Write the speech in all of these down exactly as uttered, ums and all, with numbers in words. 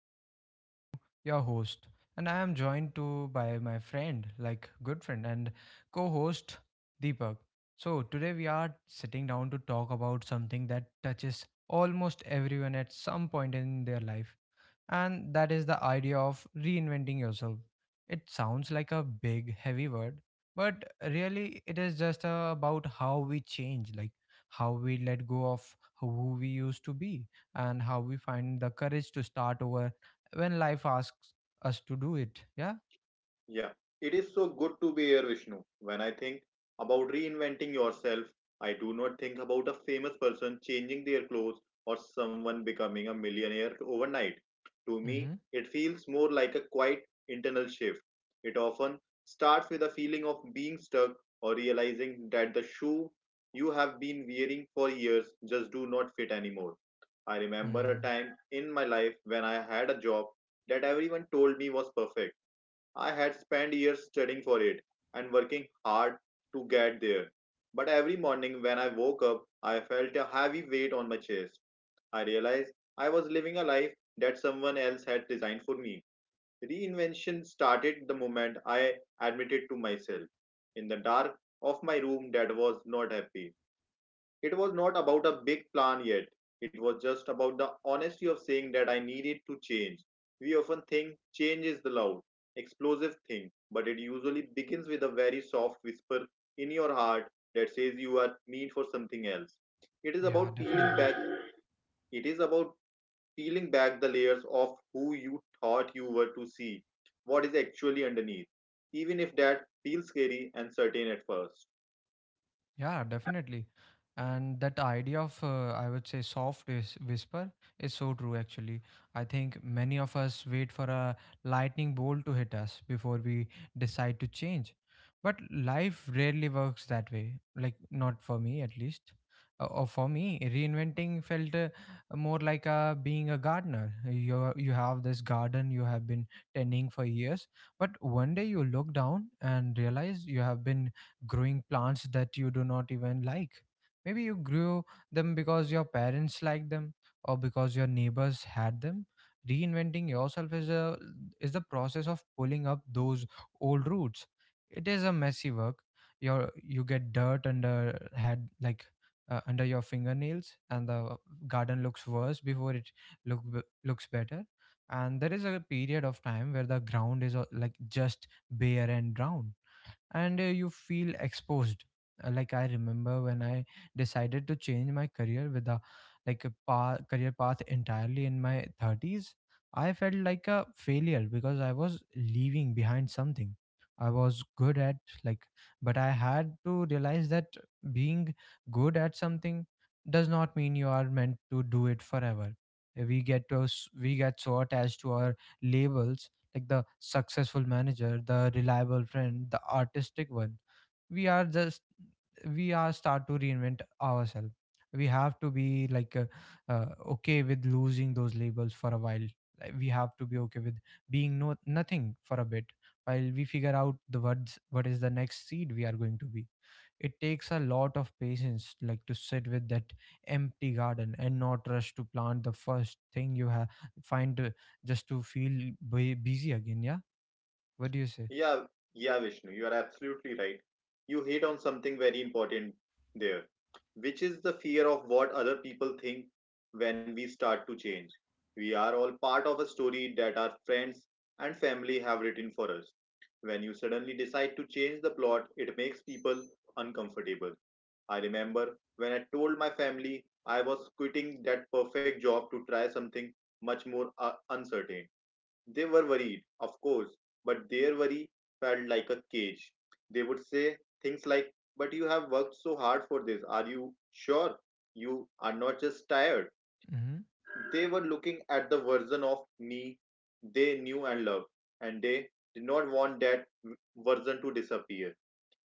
I am Vishnu, your host, and I am joined to by my friend, like good friend and co-host Deepak. So today we are sitting down to talk about something that touches almost everyone at some point in their life, and that is the idea of reinventing yourself. It sounds like a big, heavy word, but really it is just uh, about how we change, like how we let go of who we used to be and how we find the courage to start over when life asks us to do it. Yeah. Yeah, it is so good to be here, Vishnu. When I think about reinventing yourself, I do not think about a famous person changing their clothes or someone becoming a millionaire overnight. To me, Mm-hmm. it feels more like a quiet internal shift. It often starts with a feeling of being stuck or realizing that the shoe you have been wearing for years just do not fit anymore. I remember a Mm, time in my life when I had a job that everyone told me was perfect. I had spent years studying for it and working hard to get there. But every morning when I woke up, I felt a heavy weight on my chest. I realized I was living a life that someone else had designed for me. Reinvention started the moment I admitted to myself in the dark of my room that was not happy. It was not about a big plan yet. It was just about the honesty of saying that I needed to change. We often think change is the loud, explosive thing, but it usually begins with a very soft whisper in your heart that says you are meant for something else. It is yeah, about peeling definitely. back it is about peeling back the layers of who you thought you were to see what is actually underneath, even if that feels scary and certain at first. Yeah, definitely. And that idea of, uh, I would say, soft whis- whisper is so true, actually. I think many of us wait for a lightning bolt to hit us before we decide to change. But life rarely works that way, like, not for me at least. Uh, or for me, reinventing felt uh, more like uh, being a gardener. You, you have this garden you have been tending for years, but one day you look down and realize you have been growing plants that you do not even like. Maybe you grew them because your parents liked them or because your neighbors had them. Reinventing yourself is a is the process of pulling up those old roots. It is a messy work. Your you get dirt under head, like, uh, under your fingernails, and the garden looks worse before it look b- looks better. And there is a period of time where the ground is, uh, like, just bare and brown, and uh, you feel exposed. Uh, like, I remember when I decided to change my career with a like a path, career path entirely in my thirties. I felt like a failure because I was leaving behind something I was good at, like, but I had to realize that being good at something does not mean you are meant to do it forever. We get to s- we get so attached to our labels, like the successful manager, the reliable friend, the artistic one. We are just we are start to reinvent ourselves. We have to be, like, uh, uh, okay with losing those labels for a while. Like, we have to be okay with being no nothing for a bit while we figure out the words what is the next seed we are going to be. It takes a lot of patience, like, to sit with that empty garden and not rush to plant the first thing you have find, uh, just to feel bu- busy again. Yeah. What do you say? Yeah, yeah, Vishnu, you are absolutely right. You hit on something very important there, which is the fear of what other people think when we start to change. We are all part of a story that our friends and family have written for us. When you suddenly decide to change the plot, it makes people uncomfortable. I remember when I told my family I was quitting that perfect job to try something much more uh, uncertain. They were worried, of course, but their worry felt like a cage. They would say things like, "But you have worked so hard for this. Are you sure you are not just tired?" Mm-hmm. They were looking at the version of me they knew and loved, and they did not want that version to disappear.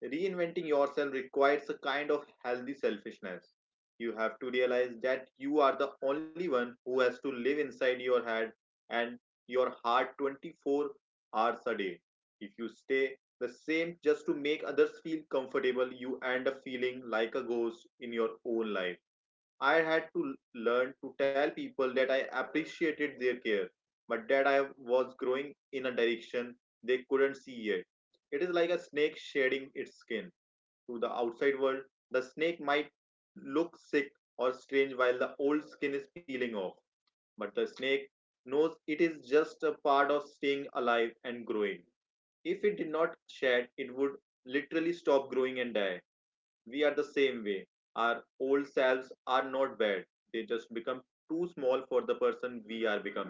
Reinventing yourself requires a kind of healthy selfishness. You have to realize that you are the only one who has to live inside your head and your heart twenty-four hours a day. If you stay the same just to make others feel comfortable, you end up feeling like a ghost in your own life. I had to learn to tell people that I appreciated their care, but that I was growing in a direction they couldn't see yet. It is like a snake shedding its skin to the outside world. The snake might look sick or strange while the old skin is peeling off, but the snake knows it is just a part of staying alive and growing. If it did not shed, it would literally stop growing and die. We are the same way. Our old selves are not bad. They just become too small for the person we are becoming.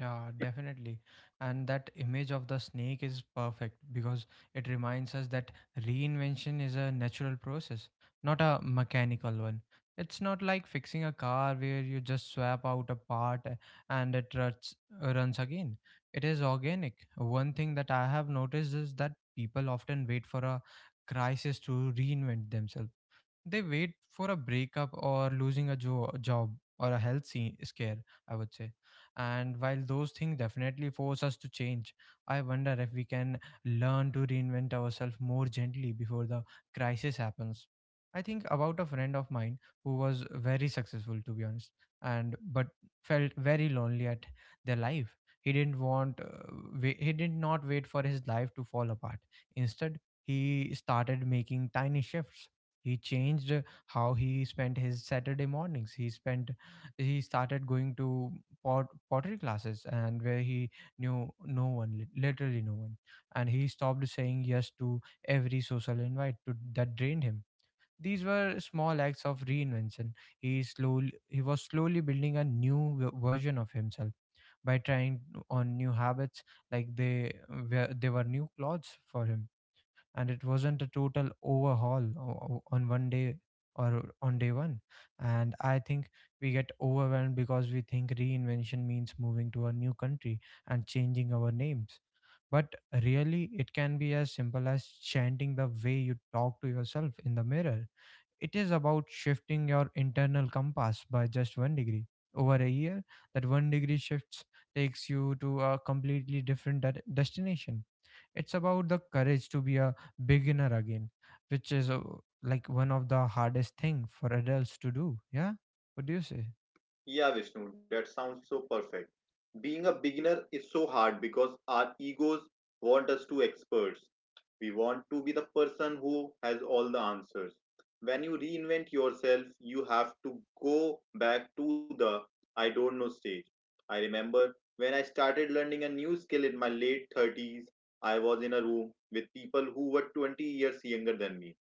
Yeah, definitely. And that image of the snake is perfect because it reminds us that reinvention is a natural process, not a mechanical one. It's not like fixing a car where you just swap out a part, a- and it ruts, runs again. It is organic. One thing that I have noticed is that people often wait for a crisis to reinvent themselves. They wait for a breakup or losing a jo- job or a health se- scare, I would say. And while those things definitely force us to change, I wonder if we can learn to reinvent ourselves more gently before the crisis happens. I think about a friend of mine who was very successful, to be honest, and but felt very lonely at their life. He didn't want, uh, wai- he did not wait for his life to fall apart. Instead, he started making tiny shifts. He changed uh, how he spent his Saturday mornings. He spent he started going to pot, pottery classes and where he knew no one, lit- literally no one. And he stopped saying yes to every social invite to, that drained him. These were small acts of reinvention. He slowly he was slowly building a new v- version of himself by trying on new habits, like they were they were new clothes for him. And it wasn't a total overhaul o- o- on one day or on day one. And I think we get overwhelmed because we think reinvention means moving to a new country and changing our names, but really it can be as simple as chanting the way you talk to yourself in the mirror. It is about shifting your internal compass by just one degree over a year. That one degree shifts takes you to a completely different de- destination. It's about the courage to be a beginner again, which is, uh, like, one of the hardest thing for adults to do. Yeah. What do you say? Yeah, Vishnu, that sounds so perfect. Being a beginner is so hard because our egos want us to experts. We want to be the person who has all the answers. When you reinvent yourself, you have to go back to the I don't know stage. I remember when I started learning a new skill in my late thirties, I was in a room with people who were twenty years younger than me.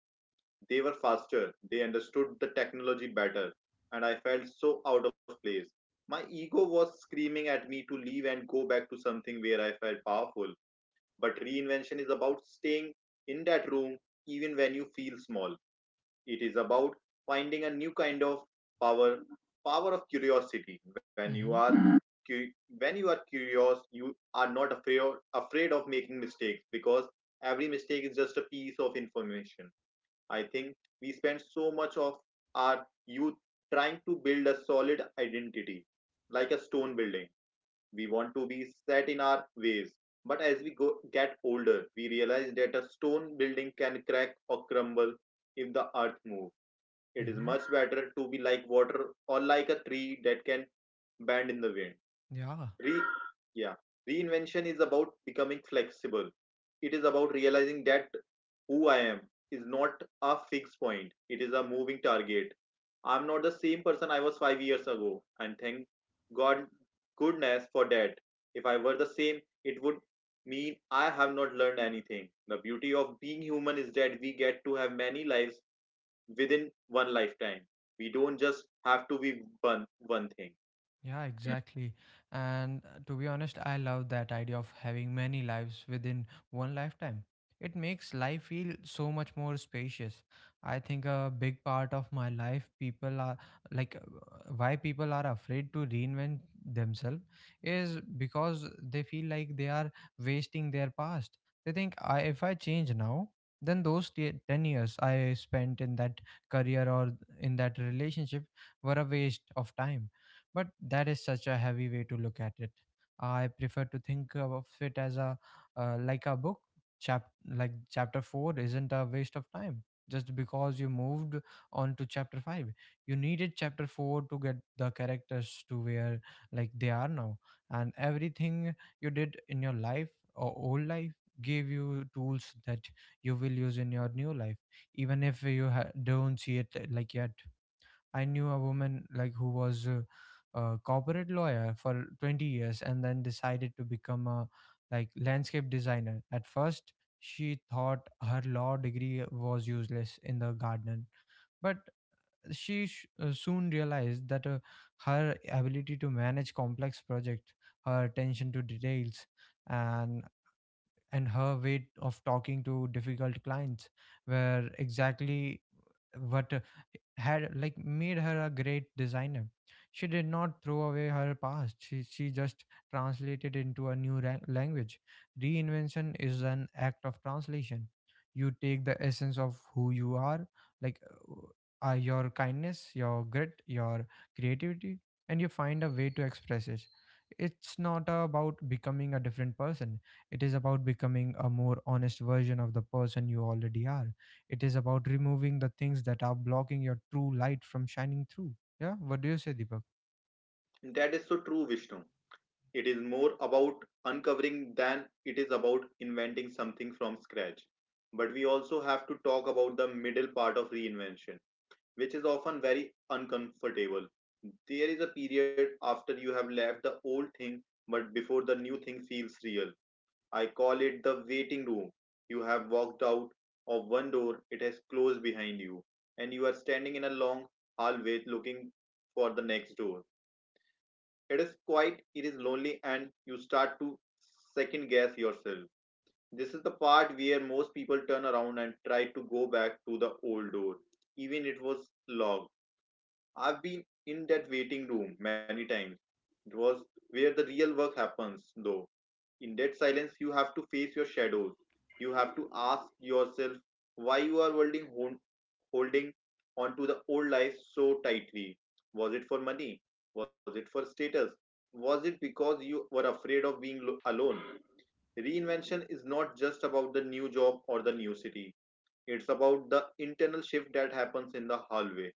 They were faster, they understood the technology better, and I felt so out of place. My ego was screaming at me to leave and go back to something where I felt powerful. But reinvention is about staying in that room even when you feel small. It is about finding a new kind of power, power of curiosity. When you are Mm-hmm. cu- when you are curious, you are not afraid afraid of making mistakes because every mistake is just a piece of information. I think we spend so much of our youth trying to build a solid identity like a stone building. We want to be set in our ways. But as we go, get older, we realize that a stone building can crack or crumble if the earth moves. It is Mm-hmm. much better to be like water or like a tree that can bend in the wind. Yeah. Re- yeah. Reinvention is about becoming flexible. It is about realizing that who I am is not a fixed point, it is a moving target. I'm not the same person I was five years ago, and thank God goodness for that. If I were the same, it would mean I have not learned anything. The beauty of being human is that we get to have many lives within one lifetime. We don't just have to be one one thing. Yeah, exactly. And, uh, to be honest, I love that idea of having many lives within one lifetime. It makes life feel so much more spacious. I think a big part of my life, people are like, uh, why people are afraid to reinvent themselves is because they feel like they are wasting their past. They think I, if I change now, then those t- ten years I spent in that career or in that relationship were a waste of time. But that is such a heavy way to look at it. I prefer to think of it as a uh, like a book. Chap like chapter four isn't a waste of time. Just because you moved on to chapter five, you needed chapter four to get the characters to where, like, they are now, and everything you did in your life or old life gave you tools that you will use in your new life, even if you ha- don't see it uh, like yet. I knew a woman, like, who was a, a corporate lawyer for twenty years and then decided to become a like landscape designer. At first, she thought her law degree was useless in the garden, but she sh- uh, soon realized that uh, her ability to manage complex projects, her attention to details, and and her way of talking to difficult clients were exactly what had, like, made her a great designer. She did not throw away her past. She, she just translated into a new ra- language. Reinvention is an act of translation. You take the essence of who you are, like, uh, your kindness, your grit, your creativity, and you find a way to express it. It's not about becoming a different person. It is about becoming a more honest version of the person you already are. It is about removing the things that are blocking your true light from shining through. Yeah. What do you say, Deepak? That is so true, Vishnu. It is more about uncovering than it is about inventing something from scratch. But we also have to talk about the middle part of reinvention, which is often very uncomfortable. There is a period after you have left the old thing, but before the new thing feels real. I call it the waiting room. You have walked out of one door, it has closed behind you, and you are standing in a long hallway looking for the next door. It is quiet, it is lonely, and you start to second guess yourself. This is the part where most people turn around and try to go back to the old door, even it was locked. I've been in that waiting room many times. It was where the real work happens, though. In that silence, you have to face your shadows. You have to ask yourself why you are holding on, holding onto the old life so tightly? Was it for money? Was it for status? Was it because you were afraid of being lo- alone? Reinvention is not just about the new job or the new city. It's about the internal shift that happens in the hallway.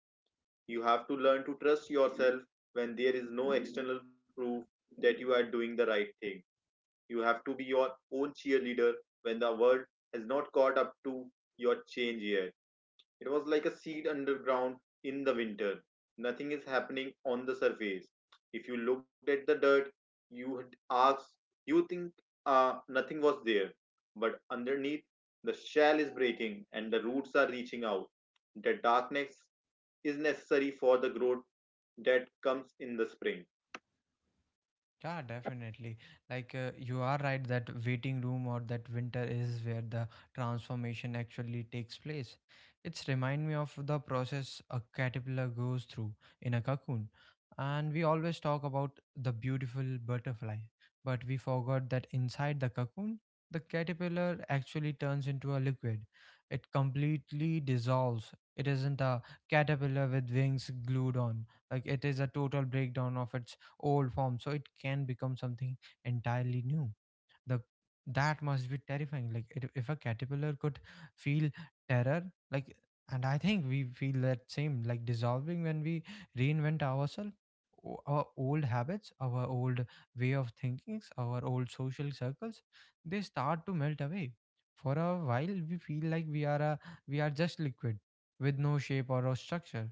You have to learn to trust yourself when there is no external proof that you are doing the right thing. You have to be your own cheerleader when the world has not caught up to your change yet. It was like a seed underground in the winter. Nothing is happening on the surface. If you looked at the dirt, you would ask, you think uh, nothing was there. But underneath, the shell is breaking and the roots are reaching out. The darkness is necessary for the growth that comes in the spring. Yeah, definitely. Like, uh, you are right that waiting room or that winter is where the transformation actually takes place. It's remind me of the process a caterpillar goes through in a cocoon. And we always talk about the beautiful butterfly, but we forgot that inside the cocoon, the caterpillar actually turns into a liquid. It completely dissolves. It isn't a caterpillar with wings glued on. Like, it is a total breakdown of its old form so it can become something entirely new. The that must be terrifying, like, it, if a caterpillar could feel terror. Like, and I think we feel that same, like, dissolving when we reinvent ourselves. O- our old habits, our old way of thinkings, our old social circles, they start to melt away. For a while we feel like we are a we are just liquid with no shape or a structure.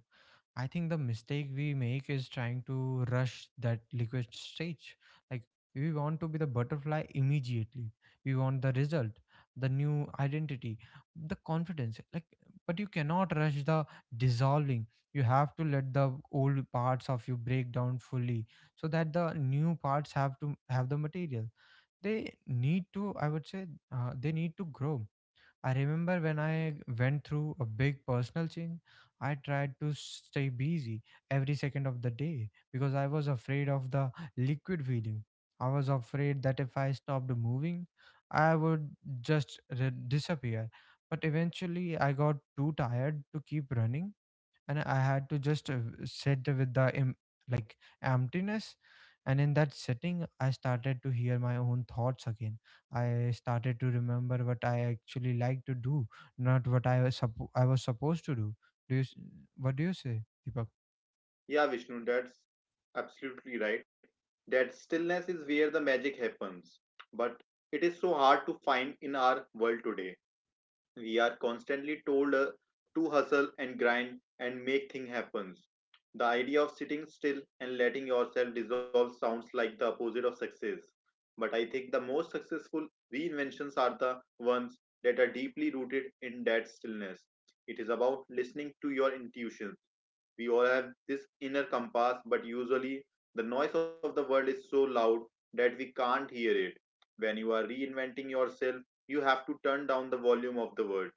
I think the mistake we make is trying to rush that liquid stage. Like, we want to be the butterfly immediately. We want the result, the new identity, the confidence. Like, but you cannot rush the dissolving. You have to let the old parts of you break down fully so that the new parts have to have the material. They need to, I would say, uh, they need to grow. I remember when I went through a big personal change, I tried to stay busy every second of the day because I was afraid of the liquid feeling. I was afraid that if I stopped moving, I would just re- disappear. But eventually, I got too tired to keep running, and I had to just uh, sit with the em- like emptiness. And in that sitting, I started to hear my own thoughts again. I started to remember what I actually like to do, not what i was suppo- i was supposed to do. do you s- what do you say, Deepak? Yeah, Vishnu, that's absolutely right. That stillness is where the magic happens. But it is so hard to find in our world today. We are constantly told uh, to hustle and grind and make things happen. The idea of sitting still and letting yourself dissolve sounds like the opposite of success. But I think the most successful reinventions are the ones that are deeply rooted in that stillness. It is about listening to your intuition. We all have this inner compass, but usually the noise of the world is so loud that we can't hear it. When you are reinventing yourself, you have to turn down the volume of the world.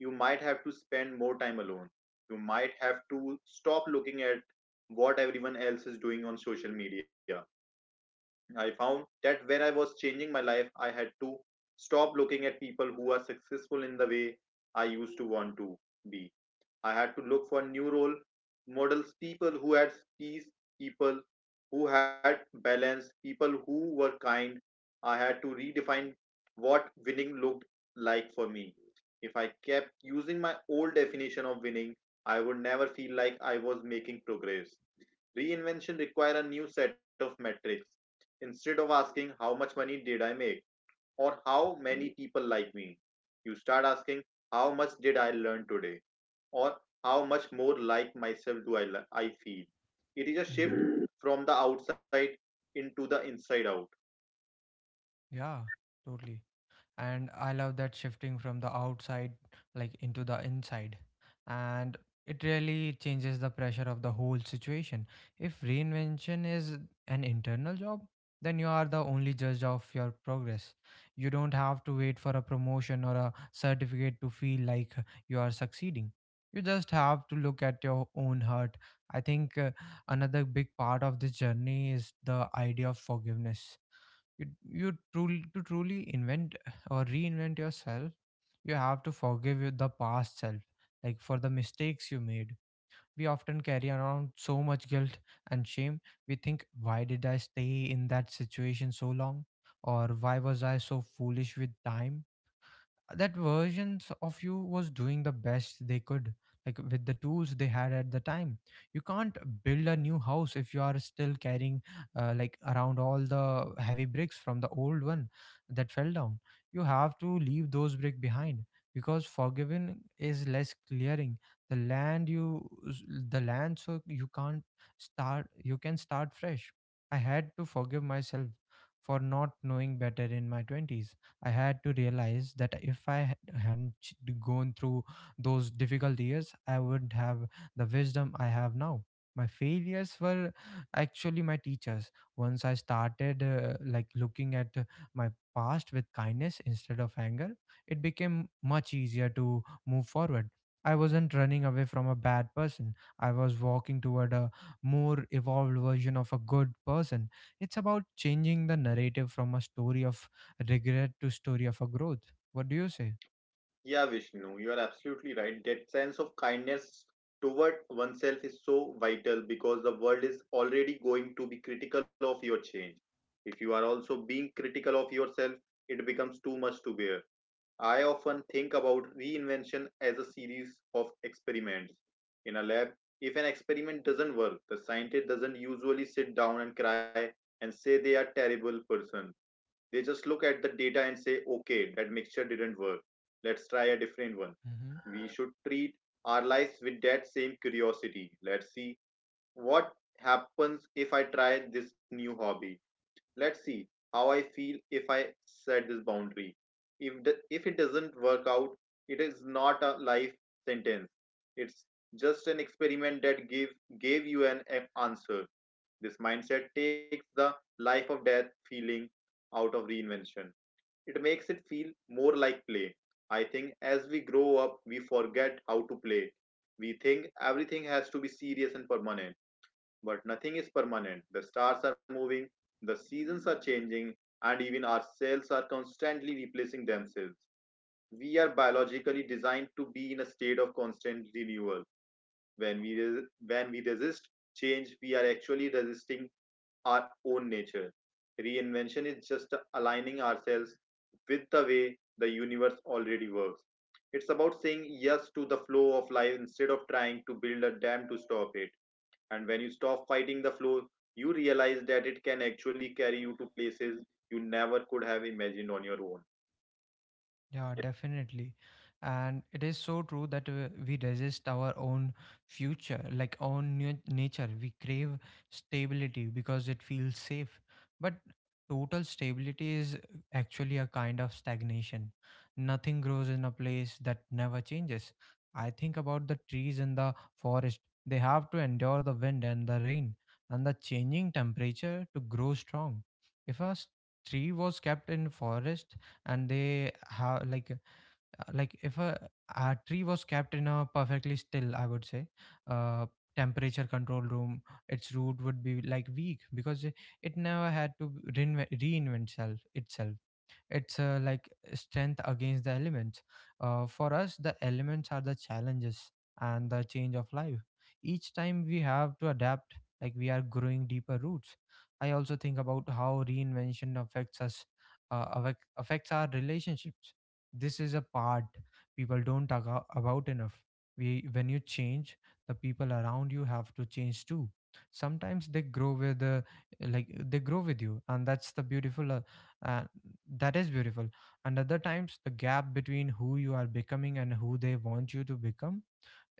You might have to spend more time alone. You might have to stop looking at what everyone else is doing on social media. I found that where I was changing my life, I had to stop looking at people who are successful in the way I used to want to be. I had to look for new role models, people who had skills, people who had balance, people who were kind. I had to redefine what winning looked like for me. If I kept using my old definition of winning, I would never feel like I was making progress. Reinvention required a new set of metrics. Instead of asking how much money did I make, or how many people like me. You start asking, how much did I learn today? Or how much more like myself do I, I feel? It is a shift Hmm. from the outside into the inside out. Yeah, totally. And I love that shifting from the outside, like, into the inside. And it really changes the pressure of the whole situation. If reinvention is an internal job, then you are the only judge of your progress. You don't have to wait for a promotion or a certificate to feel like you are succeeding. You just have to look at your own heart. I think uh, another big part of this journey is the idea of forgiveness. You you truly, to truly invent or reinvent yourself, you have to forgive your- the past self, like, for the mistakes you made. We often carry around so much guilt and shame. We think, why did I stay in that situation so long, or why was I so foolish with time? That versions of you was doing the best they could, like with the tools they had at the time. You can't build a new house if you are still carrying uh, like, around all the heavy bricks from the old one that fell down. You have to leave those brick behind, because forgiving is less clearing the land. You, the land, so you can't start you can start fresh. I had to forgive myself for not knowing better in my twenties. I had to realize that if I had- hadn't ch- gone through those difficult years, I wouldn't have the wisdom I have now. My failures were actually my teachers. Once I started uh, like, looking at uh, my past with kindness instead of anger, it became much easier to move forward. I wasn't running away from a bad person. I was walking toward a more evolved version of a good person. It's about changing the narrative from a story of regret to story of a growth. What do you say? Yeah, Vishnu, you are absolutely right. That sense of kindness toward oneself is so vital because the world is already going to be critical of your change. If you are also being critical of yourself, it becomes too much to bear. I often think about reinvention as a series of experiments. In a lab, if an experiment doesn't work, the scientist doesn't usually sit down and cry and say they are terrible person. They just look at the data and say, okay, that mixture didn't work. Let's try a different one. Mhm. We should treat our lives with that same curiosity. Let's see what happens if I try this new hobby. Let's see how I feel if I set this boundary. If the, if it doesn't work out, it is not a life sentence. It's just an experiment that give gave you an answer. This mindset takes the life of death feeling out of reinvention. It makes it feel more like play. I think as we grow up, we forget how to play. We think everything has to be serious and permanent, but nothing is permanent. The stars are moving, the seasons are changing, and even our cells are constantly replacing themselves. We are biologically designed to be in a state of constant renewal. When we, res- when we resist change, we are actually resisting our own nature. Reinvention is just aligning ourselves with the way the universe already works. It's about saying yes to the flow of life instead of trying to build a dam to stop it. And when you stop fighting the flow, you realize that it can actually carry you to places you never could have imagined on your own. Yeah, definitely. And it is so true that uh, we resist our own future, like own nu- nature. We crave stability because it feels safe. But total stability is actually a kind of stagnation. Nothing grows in a place that never changes. I think about the trees in the forest. They have to endure the wind and the rain and the changing temperature to grow strong. If a s- tree was kept in forest, and they have like uh, like, if a, a tree was kept in a perfectly still, I would say, uh temperature control room, its root would be like weak because it it never had to reinvent, reinvent itself itself. It's uh, like strength against the elements. Uh, for us, the elements are the challenges and the change of life. Each time we have to adapt, like, we are growing deeper roots. I also think about how reinvention affects us, uh, affect, affects our relationships. This is a part people don't talk a- about enough. We, when you change, the people around you have to change too. Sometimes they grow with the like, they grow with you, and that's the beautiful uh, uh, that is beautiful. And other times the gap between who you are becoming and who they want you to become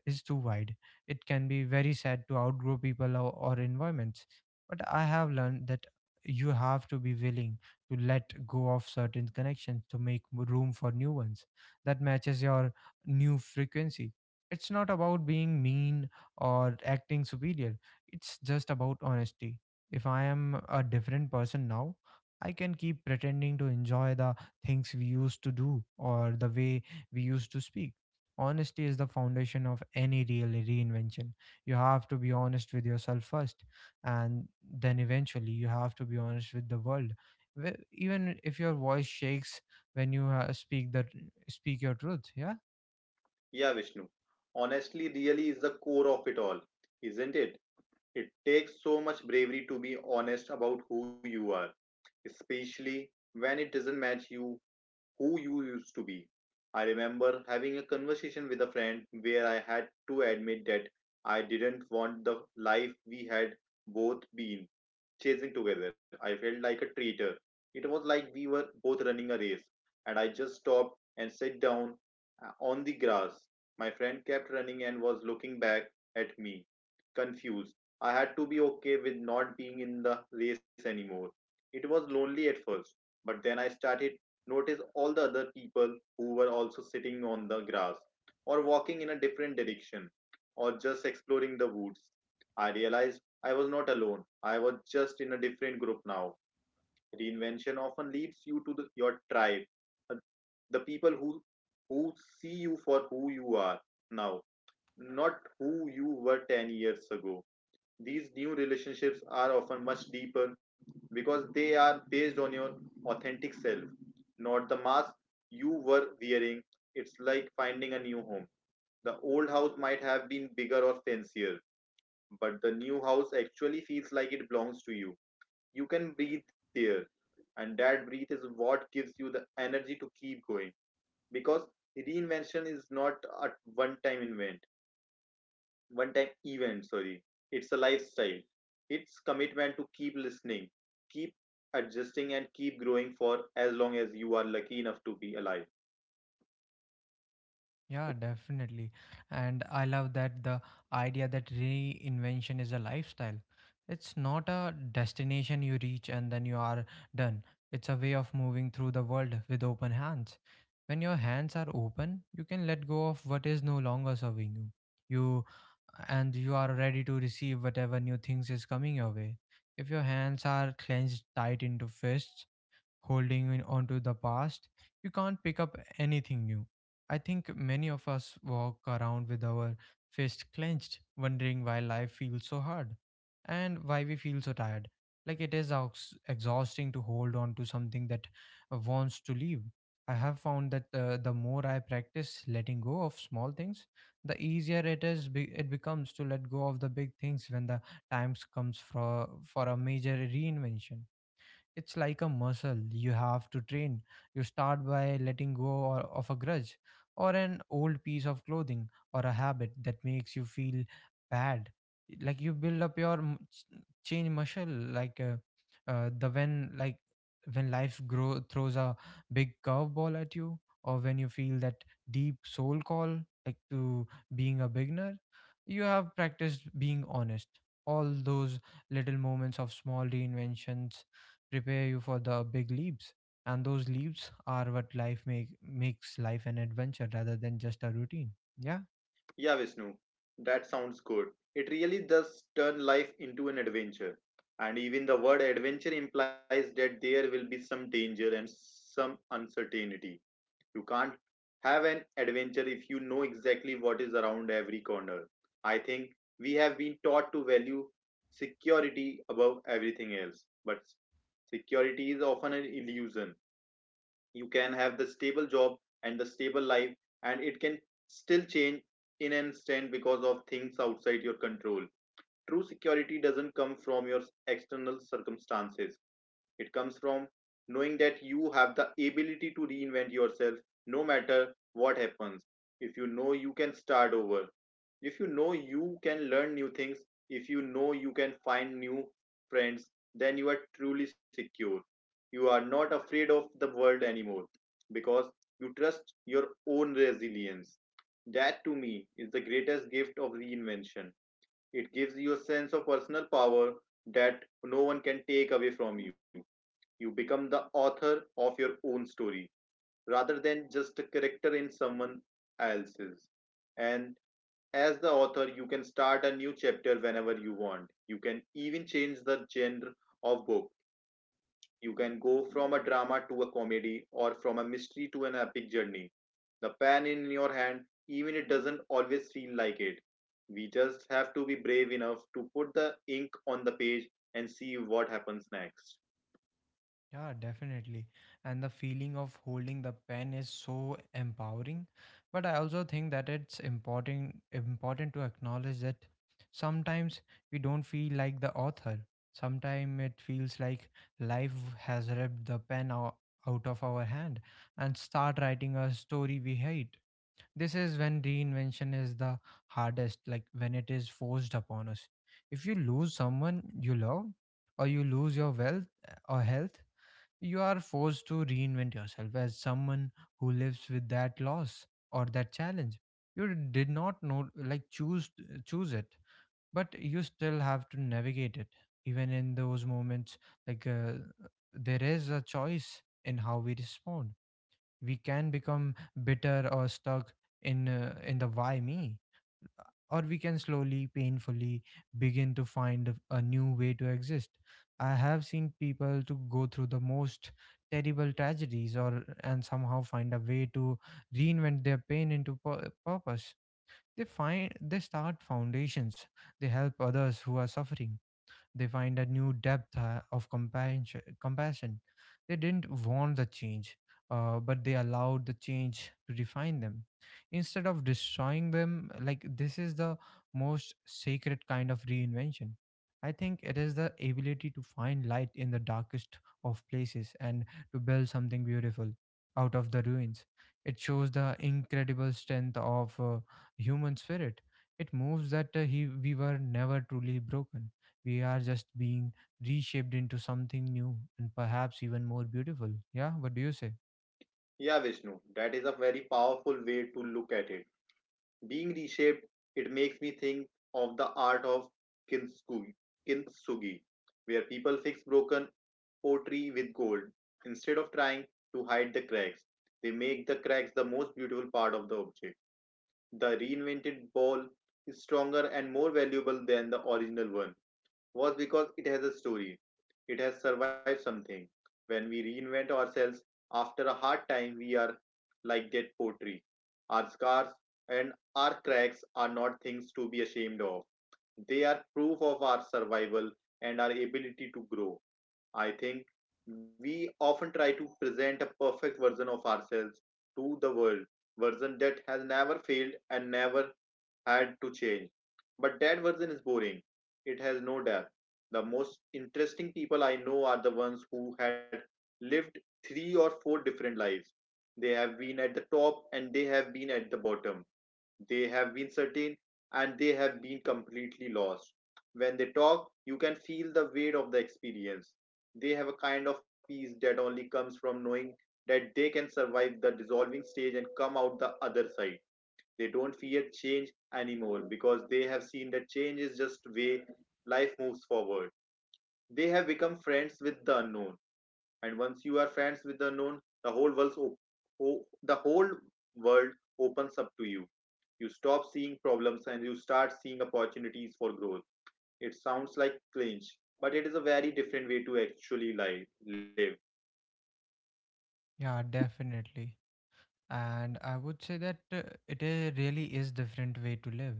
is too wide. It can be very sad to outgrow people or, or environments. But I have learned that you have to be willing to let go of certain connections to make m- room for new ones that matches your new frequency. It's not about being mean or acting superior, it's just about honesty. If I am a different person now, I can keep pretending to enjoy the things we used to do or the way we used to speak. Honesty is the foundation of any real reinvention. You have to be honest with yourself first, and then eventually you have to be honest with the world. Wh- Even if your voice shakes when you uh, speak that speak your truth, yeah. Yeah, Vishnu, honestly really is the core of it all, isn't it? It takes so much bravery to be honest about who you are, especially when it doesn't match you, who you used to be. I remember having a conversation with a friend where I had to admit that I didn't want the life we had both been chasing together. I felt like a traitor. It was like we were both running a race, and I just stopped and sat down uh, on the grass. My friend kept running and was looking back at me, confused. I had to be okay with not being in the race anymore. It was lonely at first, but then I started notice all the other people who were also sitting on the grass or walking in a different direction or just exploring the woods. I realized I was not alone. I was just in a different group now. Reinvention often leads you to the, your tribe, uh, the people who who see you for who you are now, not who you were ten years ago. These new relationships are often much deeper because they are based on your authentic self, not the mask you were wearing. It's like finding a new home. The old house might have been bigger or fancier, but the new house actually feels like it belongs to you. You can breathe there, and that breathe is what gives you the energy to keep going, because reinvention is not a one time event one time event, sorry. It's a lifestyle. It's commitment to keep listening, keep adjusting, and keep growing for as long as you are lucky enough to be alive. Yeah, definitely. And I love that the idea that reinvention is a lifestyle. It's not a destination you reach and then you are done. It's a way of moving through the world with open hands. When your hands are open, you can let go of what is no longer serving you. You and you are ready to receive whatever new things is coming your way. If your hands are clenched tight into fists, holding in- onto the past, you can't pick up anything new. I think many of us walk around with our fist clenched, wondering why life feels so hard and why we feel so tired. Like, it is ex- exhausting to hold on to something that uh, wants to leave. I have found that uh, the more I practice letting go of small things, the easier it is be- it becomes to let go of the big things when the times comes for for a major reinvention. It's like a muscle you have to train. You start by letting go or, of a grudge or an old piece of clothing or a habit that makes you feel bad. Like, you build up your m- ch- chain muscle, like, uh, uh, the when like when life grow throws a big curveball at you, or when you feel that deep soul call, like, to being a beginner. You have practiced being honest. All those little moments of small reinventions prepare you for the big leaps, and those leaps are what life make makes life an adventure rather than just a routine. Yeah. Yeah, Vishnu, that sounds good. It really does turn life into an adventure. And even the word adventure implies that there will be some danger and some uncertainty. You can't have an adventure if you know exactly what is around every corner. I think we have been taught to value security above everything else, but security is often an illusion. You can have the stable job and the stable life, and it can still change in an instant because of things outside your control. True security doesn't come from your external circumstances. It comes from knowing that you have the ability to reinvent yourself no matter what happens. If you know you can start over, if you know you can learn new things, if you know you can find new friends, then you are truly secure. You are not afraid of the world anymore because you trust your own resilience. That to me is the greatest gift of reinvention. It gives you a sense of personal power that no one can take away from you. You become the author of your own story rather than just a character in someone else's. And as the author, you can start a new chapter whenever you want. You can even change the genre of book. You can go from a drama to a comedy or from a mystery to an epic journey, the pan in your hand, even it doesn't always feel like it. We just have to be brave enough to put the ink on the page and see what happens next. Yeah, definitely. And the feeling of holding the pen is so empowering, but I also think that it's important important to acknowledge that sometimes we don't feel like the author. Sometimes it feels like life has ripped the pen ou- out of our hand and start writing a story we hate. This is when reinvention is the hardest, like, when it is forced upon us. If you lose someone you love, or you lose your wealth uh, or health, you are forced to reinvent yourself as someone who lives with that loss or that challenge. You did not know, like, choose choose it, but you still have to navigate it. Even in those moments, like uh, there is a choice in how we respond. We can become bitter or stuck in uh, in the why me, or we can slowly, painfully begin to find a new way to exist. I have seen people to go through the most terrible tragedies or and somehow find a way to reinvent their pain into pur- purpose. They find they start foundations, they help others who are suffering, they find a new depth uh, of compassion. compassion. They didn't want the change, uh, but they allowed the change to define them instead of destroying them. Like, this is the most sacred kind of reinvention. I think it is the ability to find light in the darkest of places and to build something beautiful out of the ruins. It shows the incredible strength of uh, human spirit. It moves that uh, he, we were never truly broken, we are just being reshaped into something new and perhaps even more beautiful. Yeah, what do you say? Yeah, Vishnu, that is a very powerful way to look at it. Being reshaped, it makes me think of the art of kintsugi, kintsugi, where people fix broken pottery with gold. Instead of trying to hide the cracks, they make the cracks the most beautiful part of the object. The reinvented ball is stronger and more valuable than the original one was because it has a story. It has survived something. When we reinvent ourselves after a hard time, we are like that pottery. Our scars and our cracks are not things to be ashamed of. They are proof of our survival and our ability to grow. I think we often try to present a perfect version of ourselves to the world, version that has never failed and never had to change. But that version is boring. It has no depth. The most interesting people I know are the ones who had lived three or four different lives. They have been at the top and they have been at the bottom. They have been certain and they have been completely lost. When they talk, you can feel the weight of the experience. They have a kind of peace that only comes from knowing that they can survive the dissolving stage and come out the other side. They don't fear change anymore because they have seen that change is just way life moves forward. They have become friends with the unknown, and once you are friends with the unknown, the whole world op- o- the whole world opens up to you. You stop seeing problems and you start seeing opportunities for growth. It sounds like clinch, but it is a very different way to actually li- live. Yeah, definitely. And I would say that uh, it i- really is different way to live,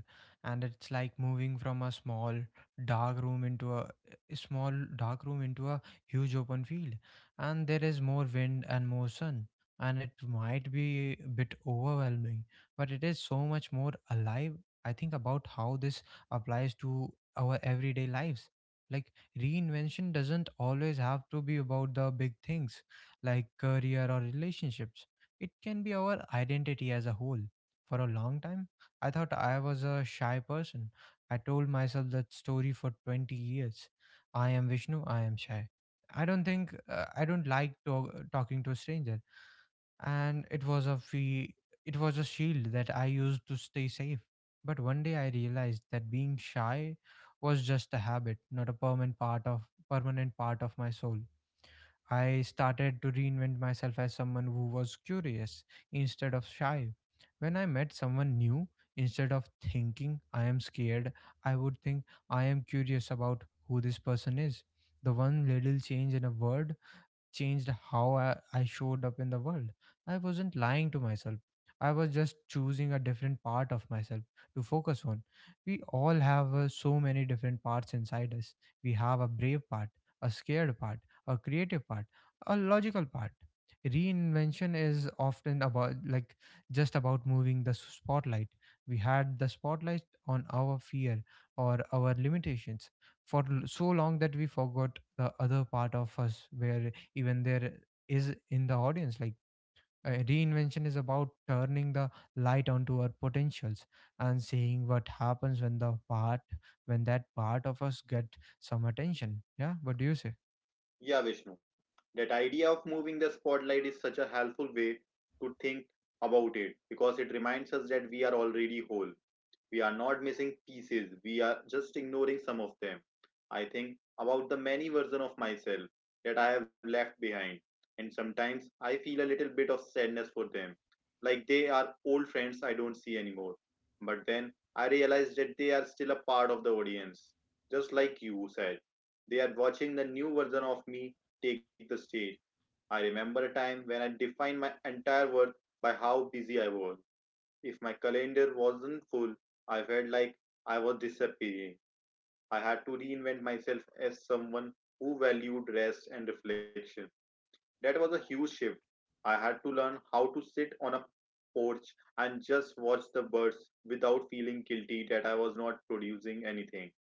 and it's like moving from a small dark room into a, a small dark room into a huge open field, and there is more wind and more sun, and it might be a bit overwhelming, but it is so much more alive. I think about how this applies to our everyday lives, like, reinvention doesn't always have to be about the big things like career or relationships. It can be our identity as a whole. For a long time, I thought I was a shy person. I told myself that story for 20 years. I am Vishnu, I am shy. I don't think uh, I don't like to- talking to a stranger, and it was a fee- it was a shield that I used to stay safe. But one day I realized that being shy was just a habit, not a permanent part of permanent part of my soul. I started to reinvent myself as someone who was curious instead of shy. When I met someone new, instead of thinking I am scared, I would think I am curious about who this person is. The one little change in a word changed how I, I showed up in the world. I wasn't lying to myself. I was just choosing a different part of myself to focus on. We all have uh, so many different parts inside us. We have a brave part, a scared part, a creative part, a logical part. Reinvention is often about, like, just about moving the spotlight. We had the spotlight on our fear or our limitations for l- so long that we forgot the other part of us where even there is in the audience. Like, uh, reinvention is about turning the light onto our potentials and seeing what happens when the part when that part of us get some attention. Yeah, what do you say? Yeah, Vishnu. That idea of moving the spotlight is such a helpful way to think about it because it reminds us that we are already whole. We are not missing pieces, we are just ignoring some of them. I think about the many versions of myself that I have left behind, and sometimes I feel a little bit of sadness for them, like they are old friends I don't see anymore. But then I realize that they are still a part of the audience, just like you said. They are watching the new version of me take the stage. I remember a time when I defined my entire worth by how busy I was. If my calendar wasn't full, I felt like I was disappearing. I had to reinvent myself as someone who valued rest and reflection. That was a huge shift. I had to learn how to sit on a porch and just watch the birds without feeling guilty that I was not producing anything.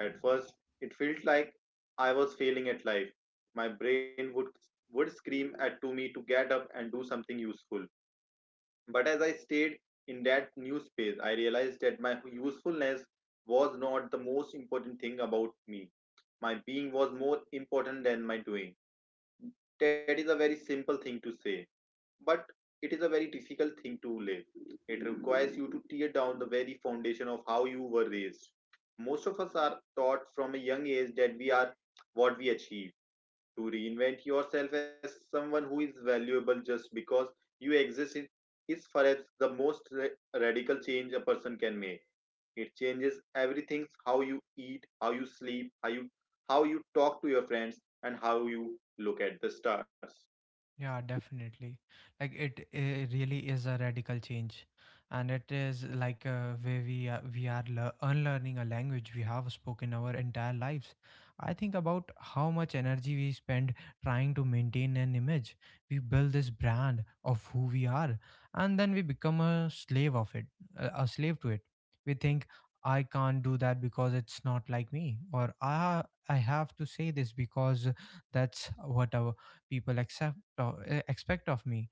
At first, it felt like I was failing at life. My brain would would scream at to me to get up and do something useful, but as I stayed in that new space, I realized that my usefulness was not the most important thing about me. My being was more important than my doing. That is a very simple thing to say, but it is a very difficult thing to live. It requires you to tear down the very foundation of how you were raised. Most of us are taught from a young age that we are what we achieve. To reinvent yourself as someone who is valuable just because you exist is is perhaps the most ra- radical change a person can make. It changes everything: how you eat, how you sleep, how you, how you talk to your friends, and how you look at the stars. Yeah, definitely. Like, it, it really is a radical change, and it is like, uh, where we are, we are lear- unlearning a language we have spoken our entire lives. I think about how much energy we spend trying to maintain an image. We build this brand of who we are, and then we become a slave of it, a a slave to it. We think I can't do that because it's not like me, or I I have to say this because that's what our people accept uh, expect of me.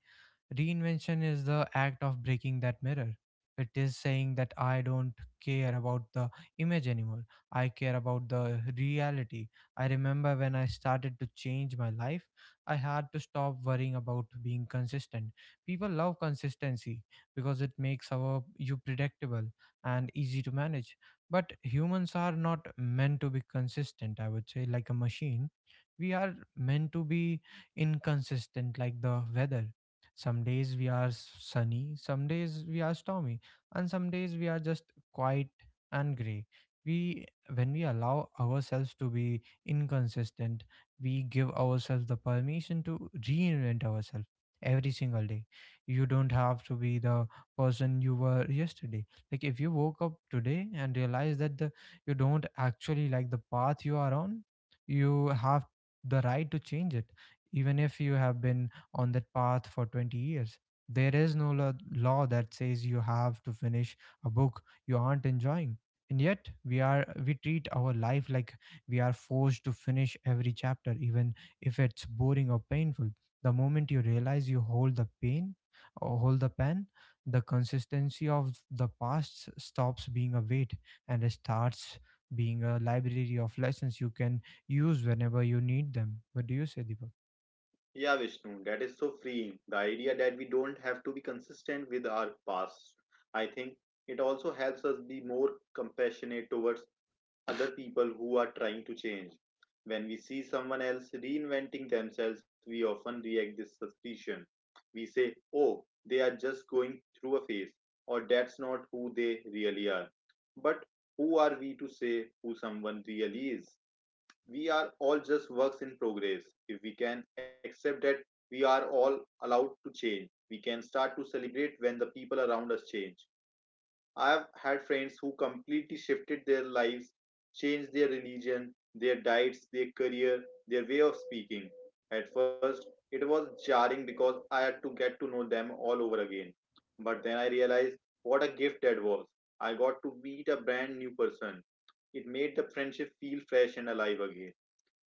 Reinvention is the act of breaking that mirror. It is saying that I don't care about the image anymore. I care about the reality. I remember when I started to change my life, I had to stop worrying about being consistent. People love consistency because it makes our you predictable and easy to manage. But humans are not meant to be consistent, I would say, like a machine. We are meant to be inconsistent like the weather. Some days we are s- sunny, some days we are stormy, and some days we are just quiet and gray. We, when we allow ourselves to be inconsistent, we give ourselves the permission to reinvent ourselves every single day. You don't have to be the person you were yesterday. Like if you woke up today and realize that the, you don't actually like the path you are on, you have the right to change it even if you have been on that path for twenty years. There is no lo- law that says you have to finish a book you aren't enjoying. And yet we are we treat our life like we are forced to finish every chapter even if it's boring or painful. The moment you realize you hold the pain or hold the pen, the consistency of the past s- stops being a weight and it starts being a library of lessons you can use whenever you need them. What do you say, Deepak? Yeah, Vishnu, that is so freeing. The idea that we don't have to be consistent with our past. I think it also helps us be more compassionate towards other people who are trying to change. When we see someone else reinventing themselves, we often react this suspicion. We say, oh, they are just going through a phase, or that's not who they really are. But who are we to say who someone really is? We are all just works in progress. If we can accept that we are all allowed to change, we can start to celebrate when the people around us change. I've had friends who completely shifted their lives, changed their religion, their diets, their career, their way of speaking. At first, it was jarring because I had to get to know them all over again. But then I realized what a gift that was. I got to meet a brand new person. It made the friendship feel fresh and alive again.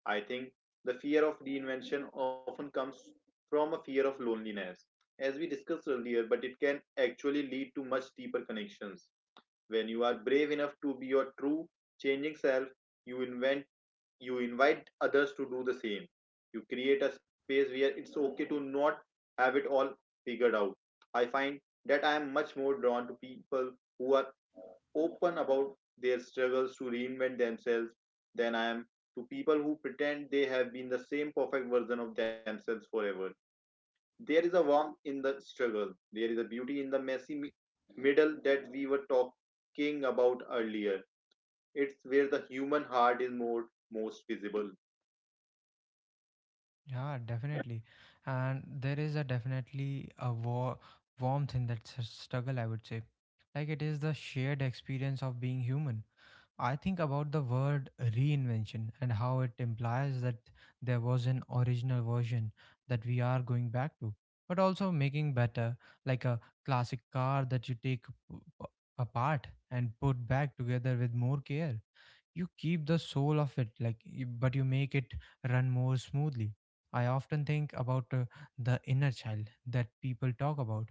I think the fear of reinvention often comes from a fear of loneliness, as we discussed earlier, but it can actually lead to much deeper connections. When you are brave enough to be your true, changing self, you invent you invite others to do the same. You create a space where it's okay to not have it all figured out. I find that I am much more drawn to people who are open about their struggles to reinvent themselves than I am to people who pretend they have been the same perfect version of themselves forever. There is a warmth in the struggle. There is a beauty in the messy middle that we were talking about earlier. It's where the human heart is more most visible. Yeah, definitely. And there is a definitely a war warmth in that s- struggle, I would say. Like it is the shared experience of being human. I think about the word reinvention and how it implies that there was an original version that we are going back to, but also making better, like a classic car that you take p- p- apart and put back together with more care. You keep the soul of it like you- but you make it run more smoothly. I often think about uh, the inner child that people talk about.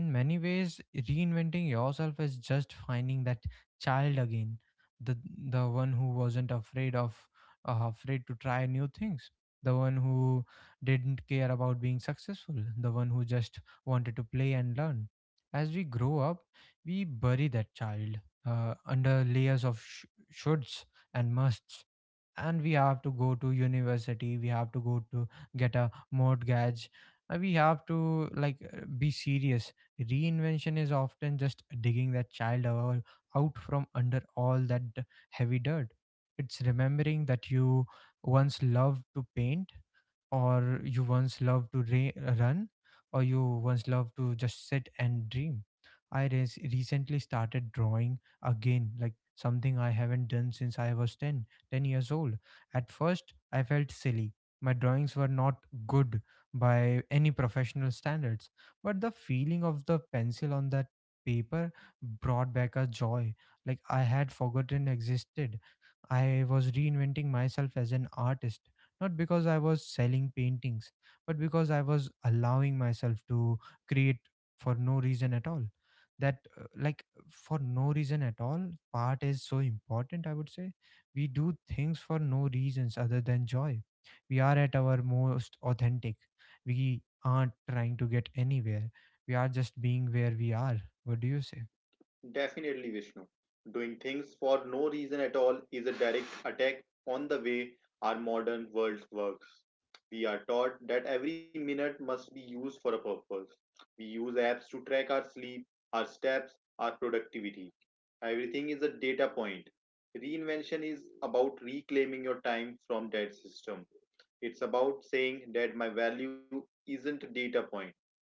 In many ways, reinventing yourself is just finding that child again, the the one who wasn't afraid of uh, afraid to try new things, the one who didn't care about being successful, the one who just wanted to play and learn. As we grow up, we bury that child uh, under layers of sh- shoulds and musts. And we have to go to university, we have to go to get a mortgage, uh, we have to like uh, be serious. Reinvention is often just digging that child out, out from under all that d- heavy dirt. It's remembering that you once loved to paint, or you once loved to ra- run, or you once loved to just sit and dream. I res- recently started drawing again, like something I haven't done since I was ten, ten years old. At first, I felt silly. My drawings were not good by any professional standards, but the feeling of the pencil on that paper brought back a joy like I had forgotten existed. I was reinventing myself as an artist, not because I was selling paintings, but because I was allowing myself to create for no reason at all. That, uh, like, for no reason at all, part is so important, I would say. We do things for no reasons other than joy. We are at our most authentic. We aren't trying to get anywhere. We are just being where we are. What do you say? Definitely, Vishnu. Doing things for no reason at all is a direct attack on the way our modern world works. We are taught that every minute must be used for a purpose. We use apps to track our sleep, our steps, our productivity. Everything is a data point. Reinvention is about reclaiming your time from that system. It's about saying that my value isn't a data point.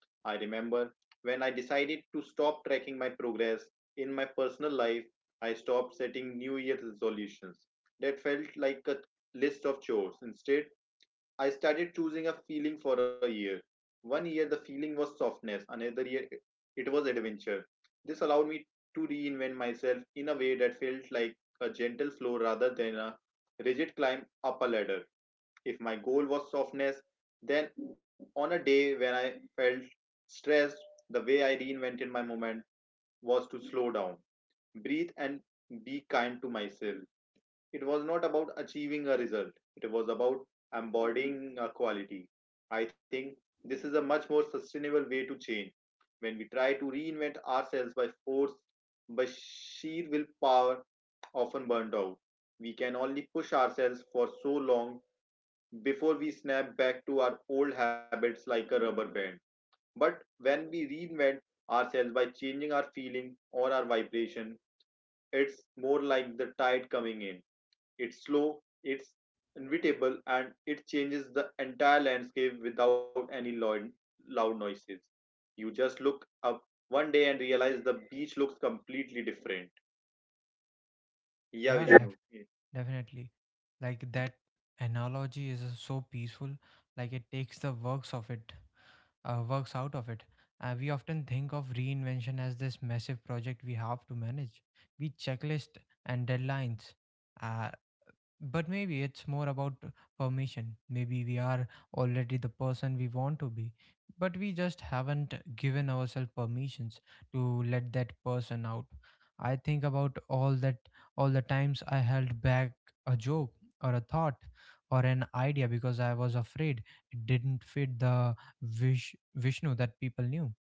I remember when I decided to stop tracking my progress in my personal life, I stopped setting New Year's resolutions that felt like a list of chores. Instead, I started choosing a feeling for a year. One year, the feeling was softness, another year, it was adventure. This allowed me to reinvent myself in a way that felt like a gentle flow rather than a rigid climb up a ladder. If my goal was softness, then on a day when I felt stressed, the way I reinvented my moment was to slow down, breathe, and be kind to myself. It was not about achieving a result, it was about embodying a quality. I think this is a much more sustainable way to change when we try to reinvent ourselves by force, by sheer willpower, often burnt out. We can only push ourselves for so long before we snap back to our old habits like a rubber band. But when we reinvent ourselves by changing our feeling or our vibration, it's more like the tide coming in. It's slow, it's inevitable, and it changes the entire landscape without any loud, loud noises. You just look up one day and realize the beach looks completely different. Yeah, Yeah, Vishnu. definitely. Like that analogy is uh, so peaceful. Like it takes the works of it, uh, works out of it. Uh, we often think of reinvention as this massive project we have to manage. We checklist and deadlines. Uh, but maybe it's more about permission. Maybe we are already the person we want to be, but we just haven't given ourselves permissions to let that person out. I think about all that all the times I held back a joke or a thought or an idea because I was afraid it didn't fit the Vish Vishnu that people knew.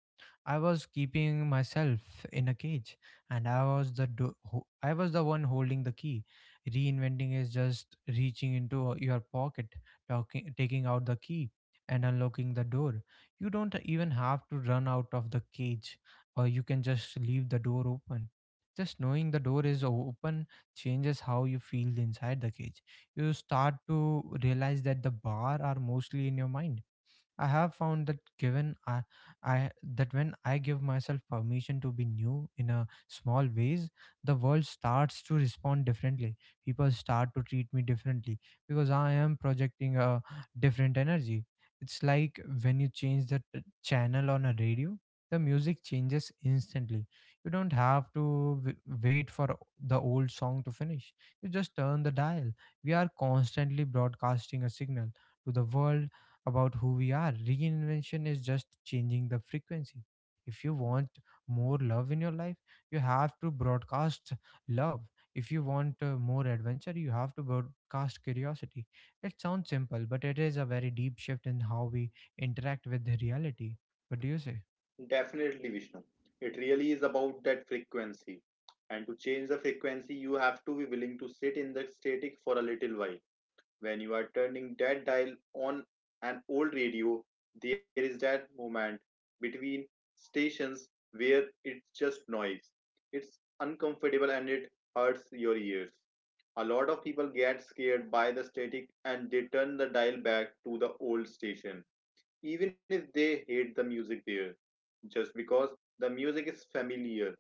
I was keeping myself in a cage, and I was the do- ho- I was the one holding the key. Reinventing is just reaching into uh, your pocket, talking, taking out the key, and unlocking the door. You don't even have to run out of the cage, or you can just leave the door open. Just knowing the door is open changes how you feel inside the cage. You start to realize that the bar are mostly in your mind. I have found that given I, I that when I give myself permission to be new in a small ways, the world starts to respond differently. People start to treat me differently because I am projecting a different energy. It's like when you change the t- channel on a radio, the music changes instantly. You don't have to w- wait for the old song to finish. You just turn the dial. We are constantly broadcasting a signal to the world about who we are. Reinvention is just changing the frequency. If you want more love in your life, you have to broadcast love. If you want uh, more adventure, you have to broadcast curiosity. It sounds simple, but it is a very deep shift in how we interact with reality. What do you say? Definitely, Vishnu. It really is about that frequency. And to change the frequency, you have to be willing to sit in the static for a little while. When you are turning that dial on an old radio, there is that moment between stations where it's just noise. It's uncomfortable and it hurts your ears. A lot of people get scared by the static and they turn the dial back to the old station, even if they hate the music there just because the music is familiar.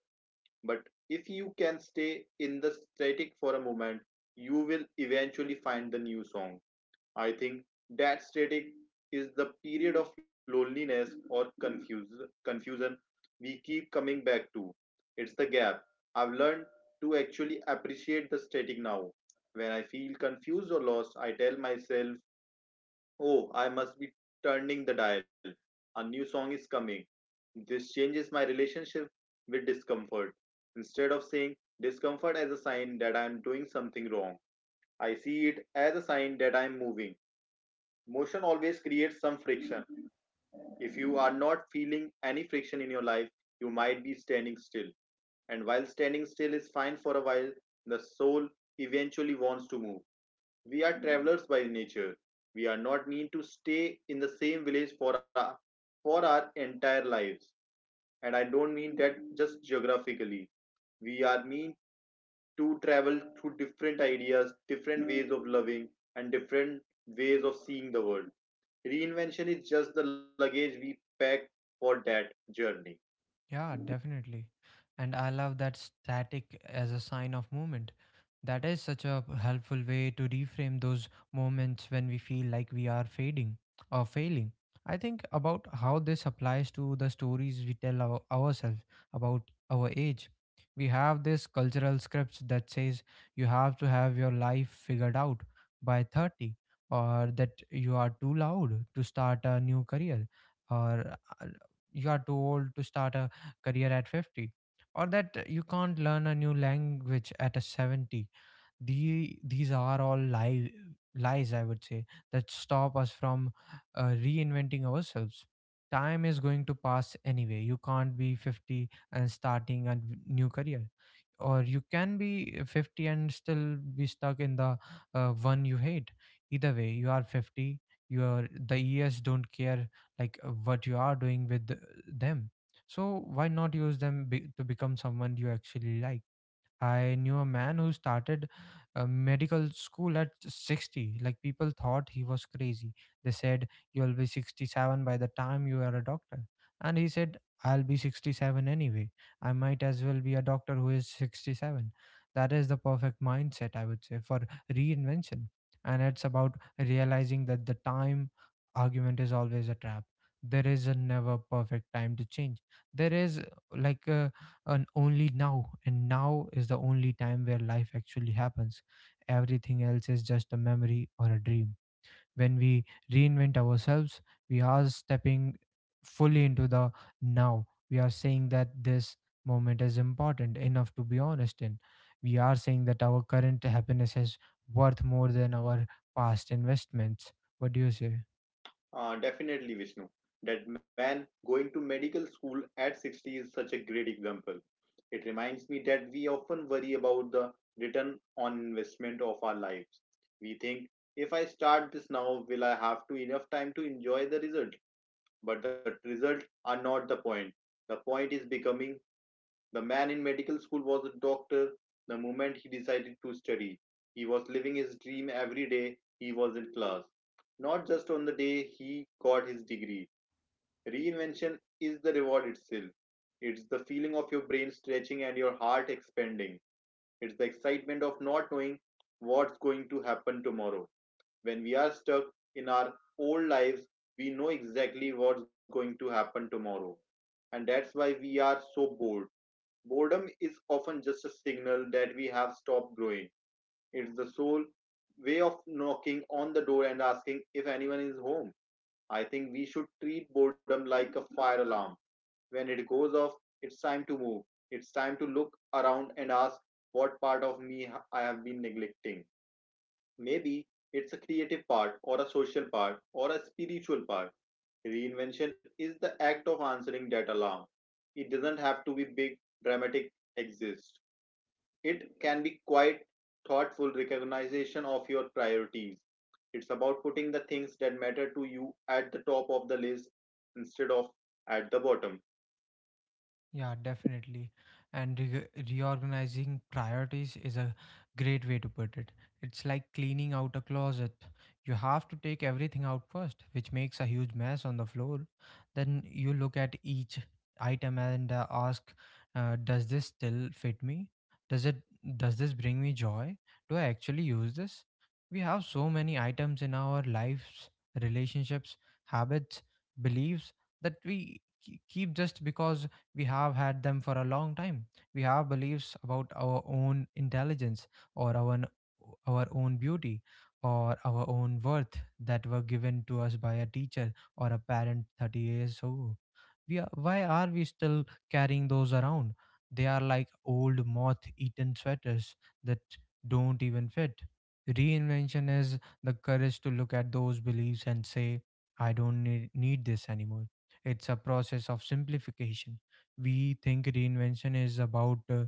But if you can stay in the static for a moment, you will eventually find the new song. I think that static is the period of loneliness or confuse, confusion we keep coming back to. It's the gap. I've learned to actually appreciate the static now. When I feel confused or lost, I tell myself, "Oh, I must be turning the dial. A new song is coming." This changes my relationship with discomfort. Instead of seeing discomfort as a sign that I am doing something wrong, I see it as a sign that I am moving. Motion always creates some friction. If you are not feeling any friction in your life, you might be standing still. And while standing still is fine for a while, the soul eventually wants to move. We are travelers by nature. We are not need to stay in the same village for our for our entire lives. And I don't mean that just geographically. We are mean to travel through different ideas, different ways of loving, and different ways of seeing the world. Reinvention is just the luggage we pack for that journey. Yeah, definitely. And I love that static as a sign of movement. That is such a helpful way to reframe those moments when we feel like we are fading or failing. I think about how this applies to the stories we tell our, ourselves about our age. We have this cultural scripts that says you have to have your life figured out by thirty, or that you are too loud to start a new career, or uh, you are too old to start a career at fifty, or that you can't learn a new language at a seventy. The these are all lie, lies, I would say, that stop us from uh, reinventing ourselves. Time is going to pass anyway. You can't be fifty and starting a v- new career, or you can be fifty and still be stuck in the uh, one you hate. Either way you are fifty. You are the Years don't care like uh, what you are doing with the- them. So why not use them be, to become someone you actually like? I knew a man who started a medical school at sixty. Like people thought he was crazy. They said, "You'll be sixty-seven by the time you are a doctor." And he said, "I'll be sixty-seven anyway. I might as well be a doctor who is is sixty-seven." That is the perfect mindset, I would say, for reinvention. And it's about realizing that the time argument is always a trap. There is a never perfect time to change. There is like a and only now, and now is the only time where life actually happens. Everything else is just a memory or a dream. When we reinvent ourselves, we are stepping fully into the now. We are saying that this moment is important enough to be honest in. We are saying that our current happiness is worth more than our past investments. What do you say? Uh, definitely, Vishnu. That man going to medical school at sixty is such a great example. It reminds me that we often worry about the return on investment of our lives. We think, if I start this now, will I have to enough time to enjoy the result? But the results are not the point. The point is becoming the man in medical school was a doctor the moment he decided to study. He was living his dream every day he was in class, not just on the day he got his degree. Reinvention is the reward itself. It's the feeling of your brain stretching and your heart expanding. It's the excitement of not knowing what's going to happen tomorrow. When we are stuck in our old lives, we know exactly what's going to happen tomorrow. And that's why we are so bored. Boredom is often just a signal that we have stopped growing. It's the sole way of knocking on the door and asking if anyone is home. I think we should treat boredom like a fire alarm. When it goes off, it's time to move. It's time to look around and ask what part of me I have been neglecting. Maybe it's a creative part, or a social part, or a spiritual part. Reinvention is the act of answering that alarm. It doesn't have to be big, dramatic, exist. It can be quite thoughtful recognition of your priorities. It's about putting the things that matter to you at the top of the list instead of at the bottom. Yeah, definitely. And re- reorganizing priorities is a great way to put it. It's like cleaning out a closet. You have to take everything out first, which makes a huge mess on the floor. Then you look at each item and uh, ask, uh, does this still fit me? Does it does this bring me joy? Do I actually use this? We have so many items in our lives, relationships, habits, beliefs that we ke- keep just because we have had them for a long time. We have beliefs about our own intelligence or our, own- our own beauty or our own worth that were given to us by a teacher or a parent thirty years ago. We are, why are we still carrying those around? They are like old moth eaten sweaters that don't even fit. Reinvention is the courage to look at those beliefs and say, I don't need, need this anymore. It's a process of simplification. We think reinvention is about uh,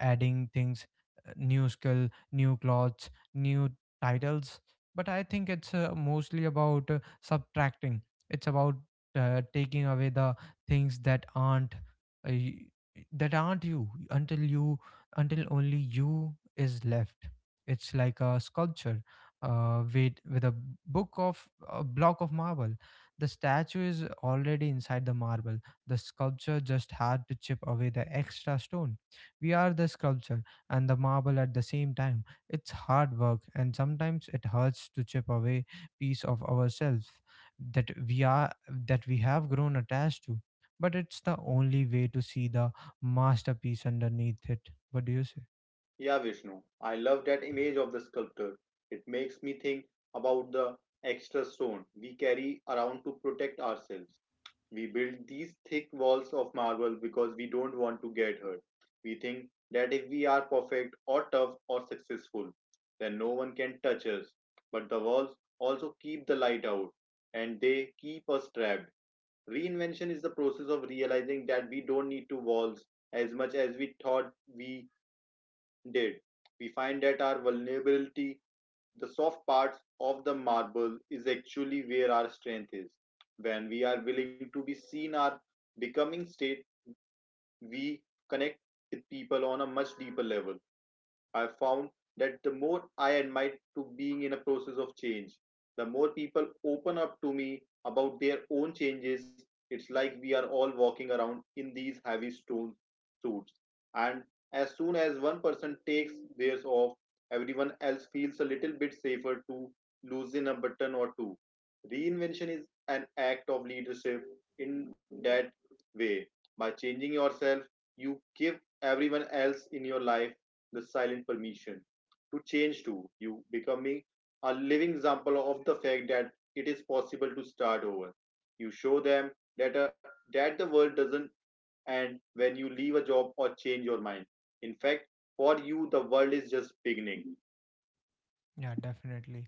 adding things, uh, new skill, new clothes, new titles, but I think it's uh, mostly about uh, subtracting. It's about uh, taking away the things that aren't uh, y- that aren't you until you until only you is left. It's like a sculpture uh, with with a book of a block of marble. The statue is already inside the marble. The sculpture just had to chip away the extra stone. We are the sculpture and the marble at the same time. It's hard work, and sometimes it hurts to chip away piece of ourselves that we are that we have grown attached to. But it's the only way to see the masterpiece underneath it. What do you say? Yeah, Vishnu, I love that image of the sculptor. It makes me think about the extra stone we carry around to protect ourselves. We build these thick walls of marble because we don't want to get hurt. We think that if we are perfect or tough or successful, then no one can touch us. But the walls also keep the light out and they keep us trapped. Reinvention is the process of realizing that we don't need to walls as much as we thought we did, we find that our vulnerability, the soft parts of the marble, is actually where our strength is. When we are willing to be seen, our becoming state, we connect with people on a much deeper level. I found that the more I admit to being in a process of change, the more people open up to me about their own changes. It's like we are all walking around in these heavy stone suits. And as soon as one person takes theirs off, everyone else feels a little bit safer to loosen a button or two. Reinvention is an act of leadership in that way. By changing yourself, you give everyone else in your life the silent permission to change to you becoming a living example of the fact that it is possible to start over. You show them that a, that the world doesn't end when you leave a job or change your mind. In fact, for you the world is just beginning. Yeah, definitely.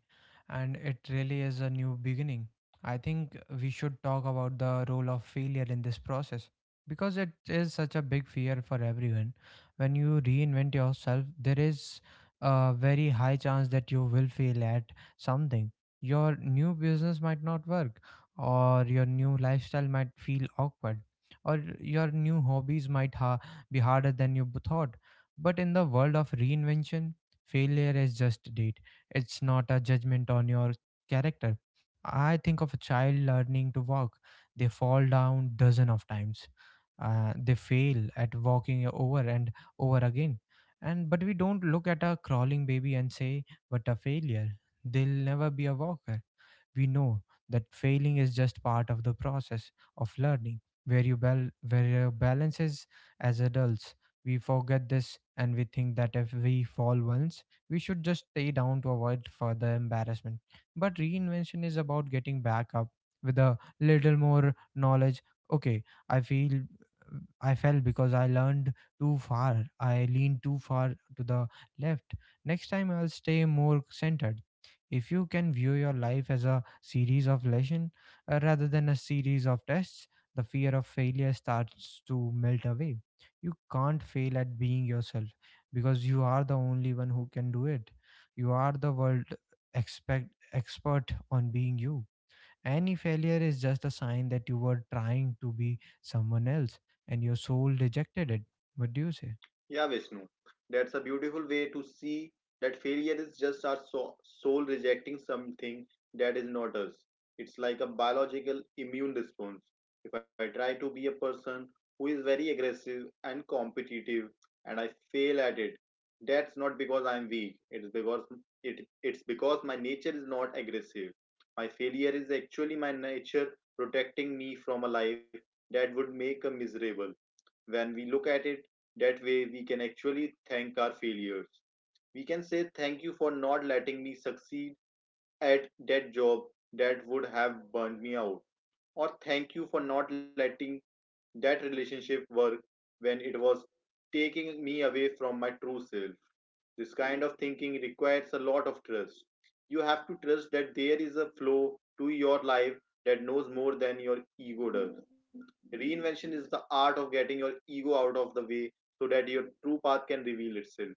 And it really is a new beginning. I think we should talk about the role of failure in this process because it is such a big fear for everyone. When you reinvent yourself, there is a very high chance that you will fail at something. Your new business might not work, or your new lifestyle might feel awkward, or your new hobbies might ha- be harder than you b- thought. But in the world of reinvention, failure is just data, it's not a judgment on your character. I think of a child learning to walk. They fall down dozen of times. Uh, they fail at walking over and over again. And but we don't look at a crawling baby and say, "What a failure! They'll never be a walker." We know that failing is just part of the process of learning. Where you bal- where your balance is as adults, we forget this and we think that if we fall once, we should just stay down to avoid further embarrassment. But reinvention is about getting back up with a little more knowledge. Okay, I feel I fell because I learned too far. I leaned too far to the left. Next time I'll stay more centered. If you can view your life as a series of lesson uh, rather than a series of tests, the fear of failure starts to melt away. You can't fail at being yourself because you are the only one who can do it. You are the world expect expert on being you. Any failure is just a sign that you were trying to be someone else and your soul rejected it. What do you say? Yeah, Vishnu, that's a beautiful way to see that failure is just our so- soul rejecting something that is not us. It's like a biological immune response. If I try to be a person who is very aggressive and competitive and I fail at it, that's not because I am weak. It's because it, it's because my nature is not aggressive. My failure is actually my nature protecting me from a life that would make a miserable when we look at it that way we can actually thank our failures. We can say, "Thank you for not letting me succeed at that job that would have burned me out," or, "Thank you for not letting that relationship work when it was taking me away from my true self." This kind of thinking requires a lot of trust. You have to trust that there is a flow to your life that knows more than your ego does. Reinvention is the art of getting your ego out of the way so that your true path can reveal itself.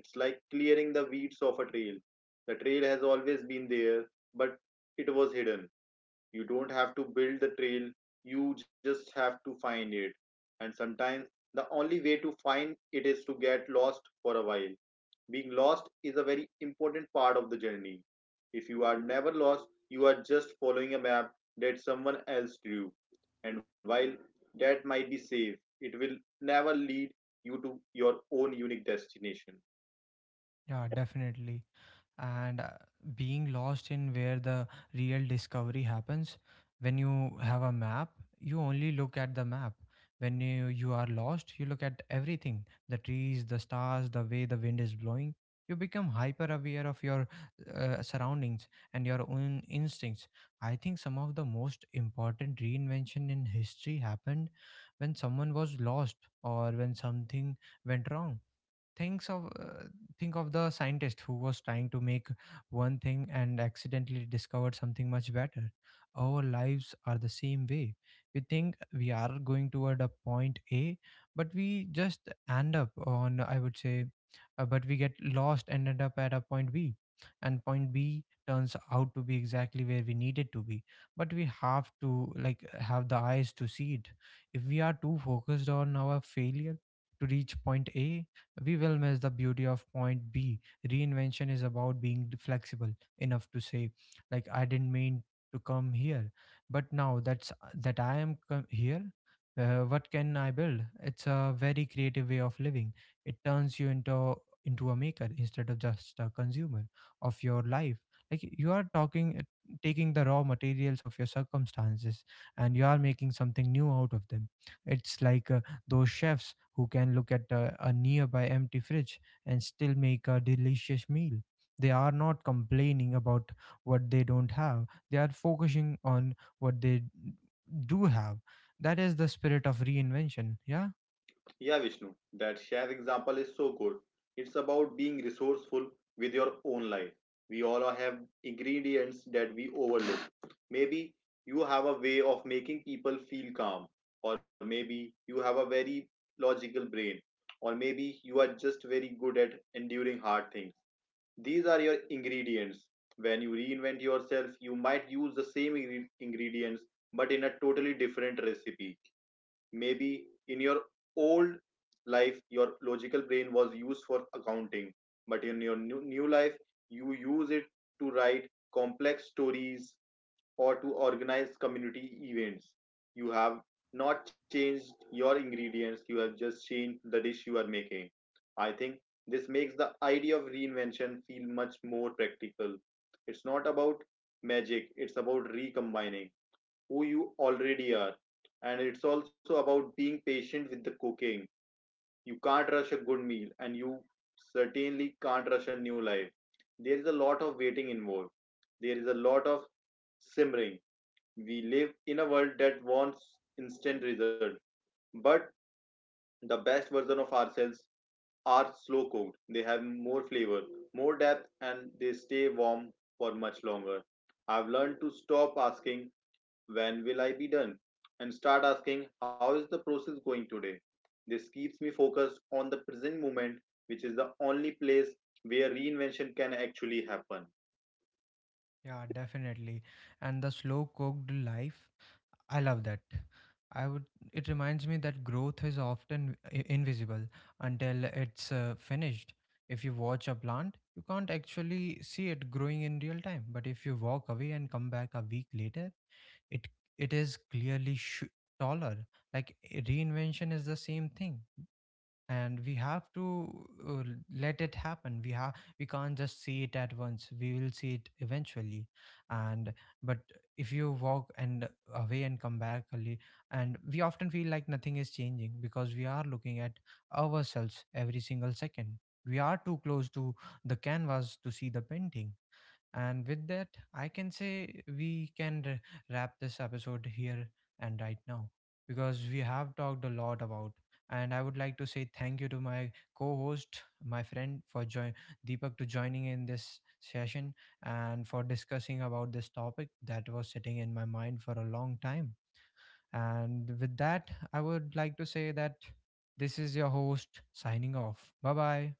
It's like clearing the weeds of a trail. The trail has always been there, but it was hidden. You don't have to build the trail, you just have to find it. And sometimes the only way to find it is to get lost for a while. Being lost is a very important part of the journey. If you are never lost, you are just following a map that someone else drew. And while that might be safe, it will never lead you to your own unique destination. Yeah, definitely. And uh, being lost in where the real discovery happens. When you have a map, you only look at the map. When you, you are lost, you look at everything, the trees, the stars, the way the wind is blowing. You become hyper aware of your uh, surroundings and your own instincts. I think some of the most important reinvention in history happened when someone was lost or when something went wrong. thinks of uh, think of the scientist who was trying to make one thing and accidentally discovered something much better. Our lives are the same way. We think we are going toward a point A, but we just end up on I would say uh, but we get lost and end up at a point B, and point B turns out to be exactly where we needed to be, but we have to like have the eyes to see it. If we are too focused on our failure to reach point A, we will miss the beauty of point B. Reinvention is about being flexible enough to say, like, I didn't mean to come here, but now that's that I am come here, uh, what can I build. It's a very creative way of living. It turns you into into a maker instead of just a consumer of your life. Like you are talking taking the raw materials of your circumstances and you are making something new out of them. It's like uh, those chefs who can look at a, a nearby empty fridge and still make a delicious meal. They are not complaining about what they don't have, they are focusing on what they d- do have. That is the spirit of reinvention. Yeah, Yeah, Vishnu, that share example is so good. It's about being resourceful with your own life. We all have ingredients that we overlook. Maybe you have a way of making people feel calm, or maybe you have a very logical brain, or maybe you are just very good at enduring hard things. These are your ingredients. When you reinvent yourself, you might use the same ingre- ingredients but in a totally different recipe. Maybe in your old life, your logical brain was used for accounting, but in your new, new life, you use it to write complex stories or to organize community events. You have not changed your ingredients, you have just changed the dish you are making. I think this makes the idea of reinvention feel much more practical. It's not about magic, it's about recombining who you already are. And it's also about being patient with the cooking. You can't rush a good meal, and you certainly can't rush a new life. There is a lot of waiting involved, there is a lot of simmering. We live in a world that wants instant result, but the best version of ourselves are slow cooked. They have more flavor, more depth, and they stay warm for much longer. I've learned to stop asking, "When will I be done?" And start asking, "How is the process going today?" This keeps me focused on the present moment, which is the only place where reinvention can actually happen. yeah, definitely. And the slow cooked life, I love that. I would. It reminds me that growth is often i- invisible until it's uh, finished. If you watch a plant, you can't actually see it growing in real time. But if you walk away and come back a week later, it it is clearly sh- taller. Like i- reinvention is the same thing, and we have to uh, let it happen. We have we can't just see it at once, we will see it eventually. And but if you walk and away and come back early and We often feel like nothing is changing because we are looking at ourselves every single second. We are too close to the canvas to see the painting. And with that, I can say we can r- wrap this episode here and right now because we have talked a lot about. And I would like to say thank you to my co-host, my friend, for join Deepak, to joining in this session and for discussing about this topic that was sitting in my mind for a long time. And with that, I would like to say that this is your host signing off. Bye bye.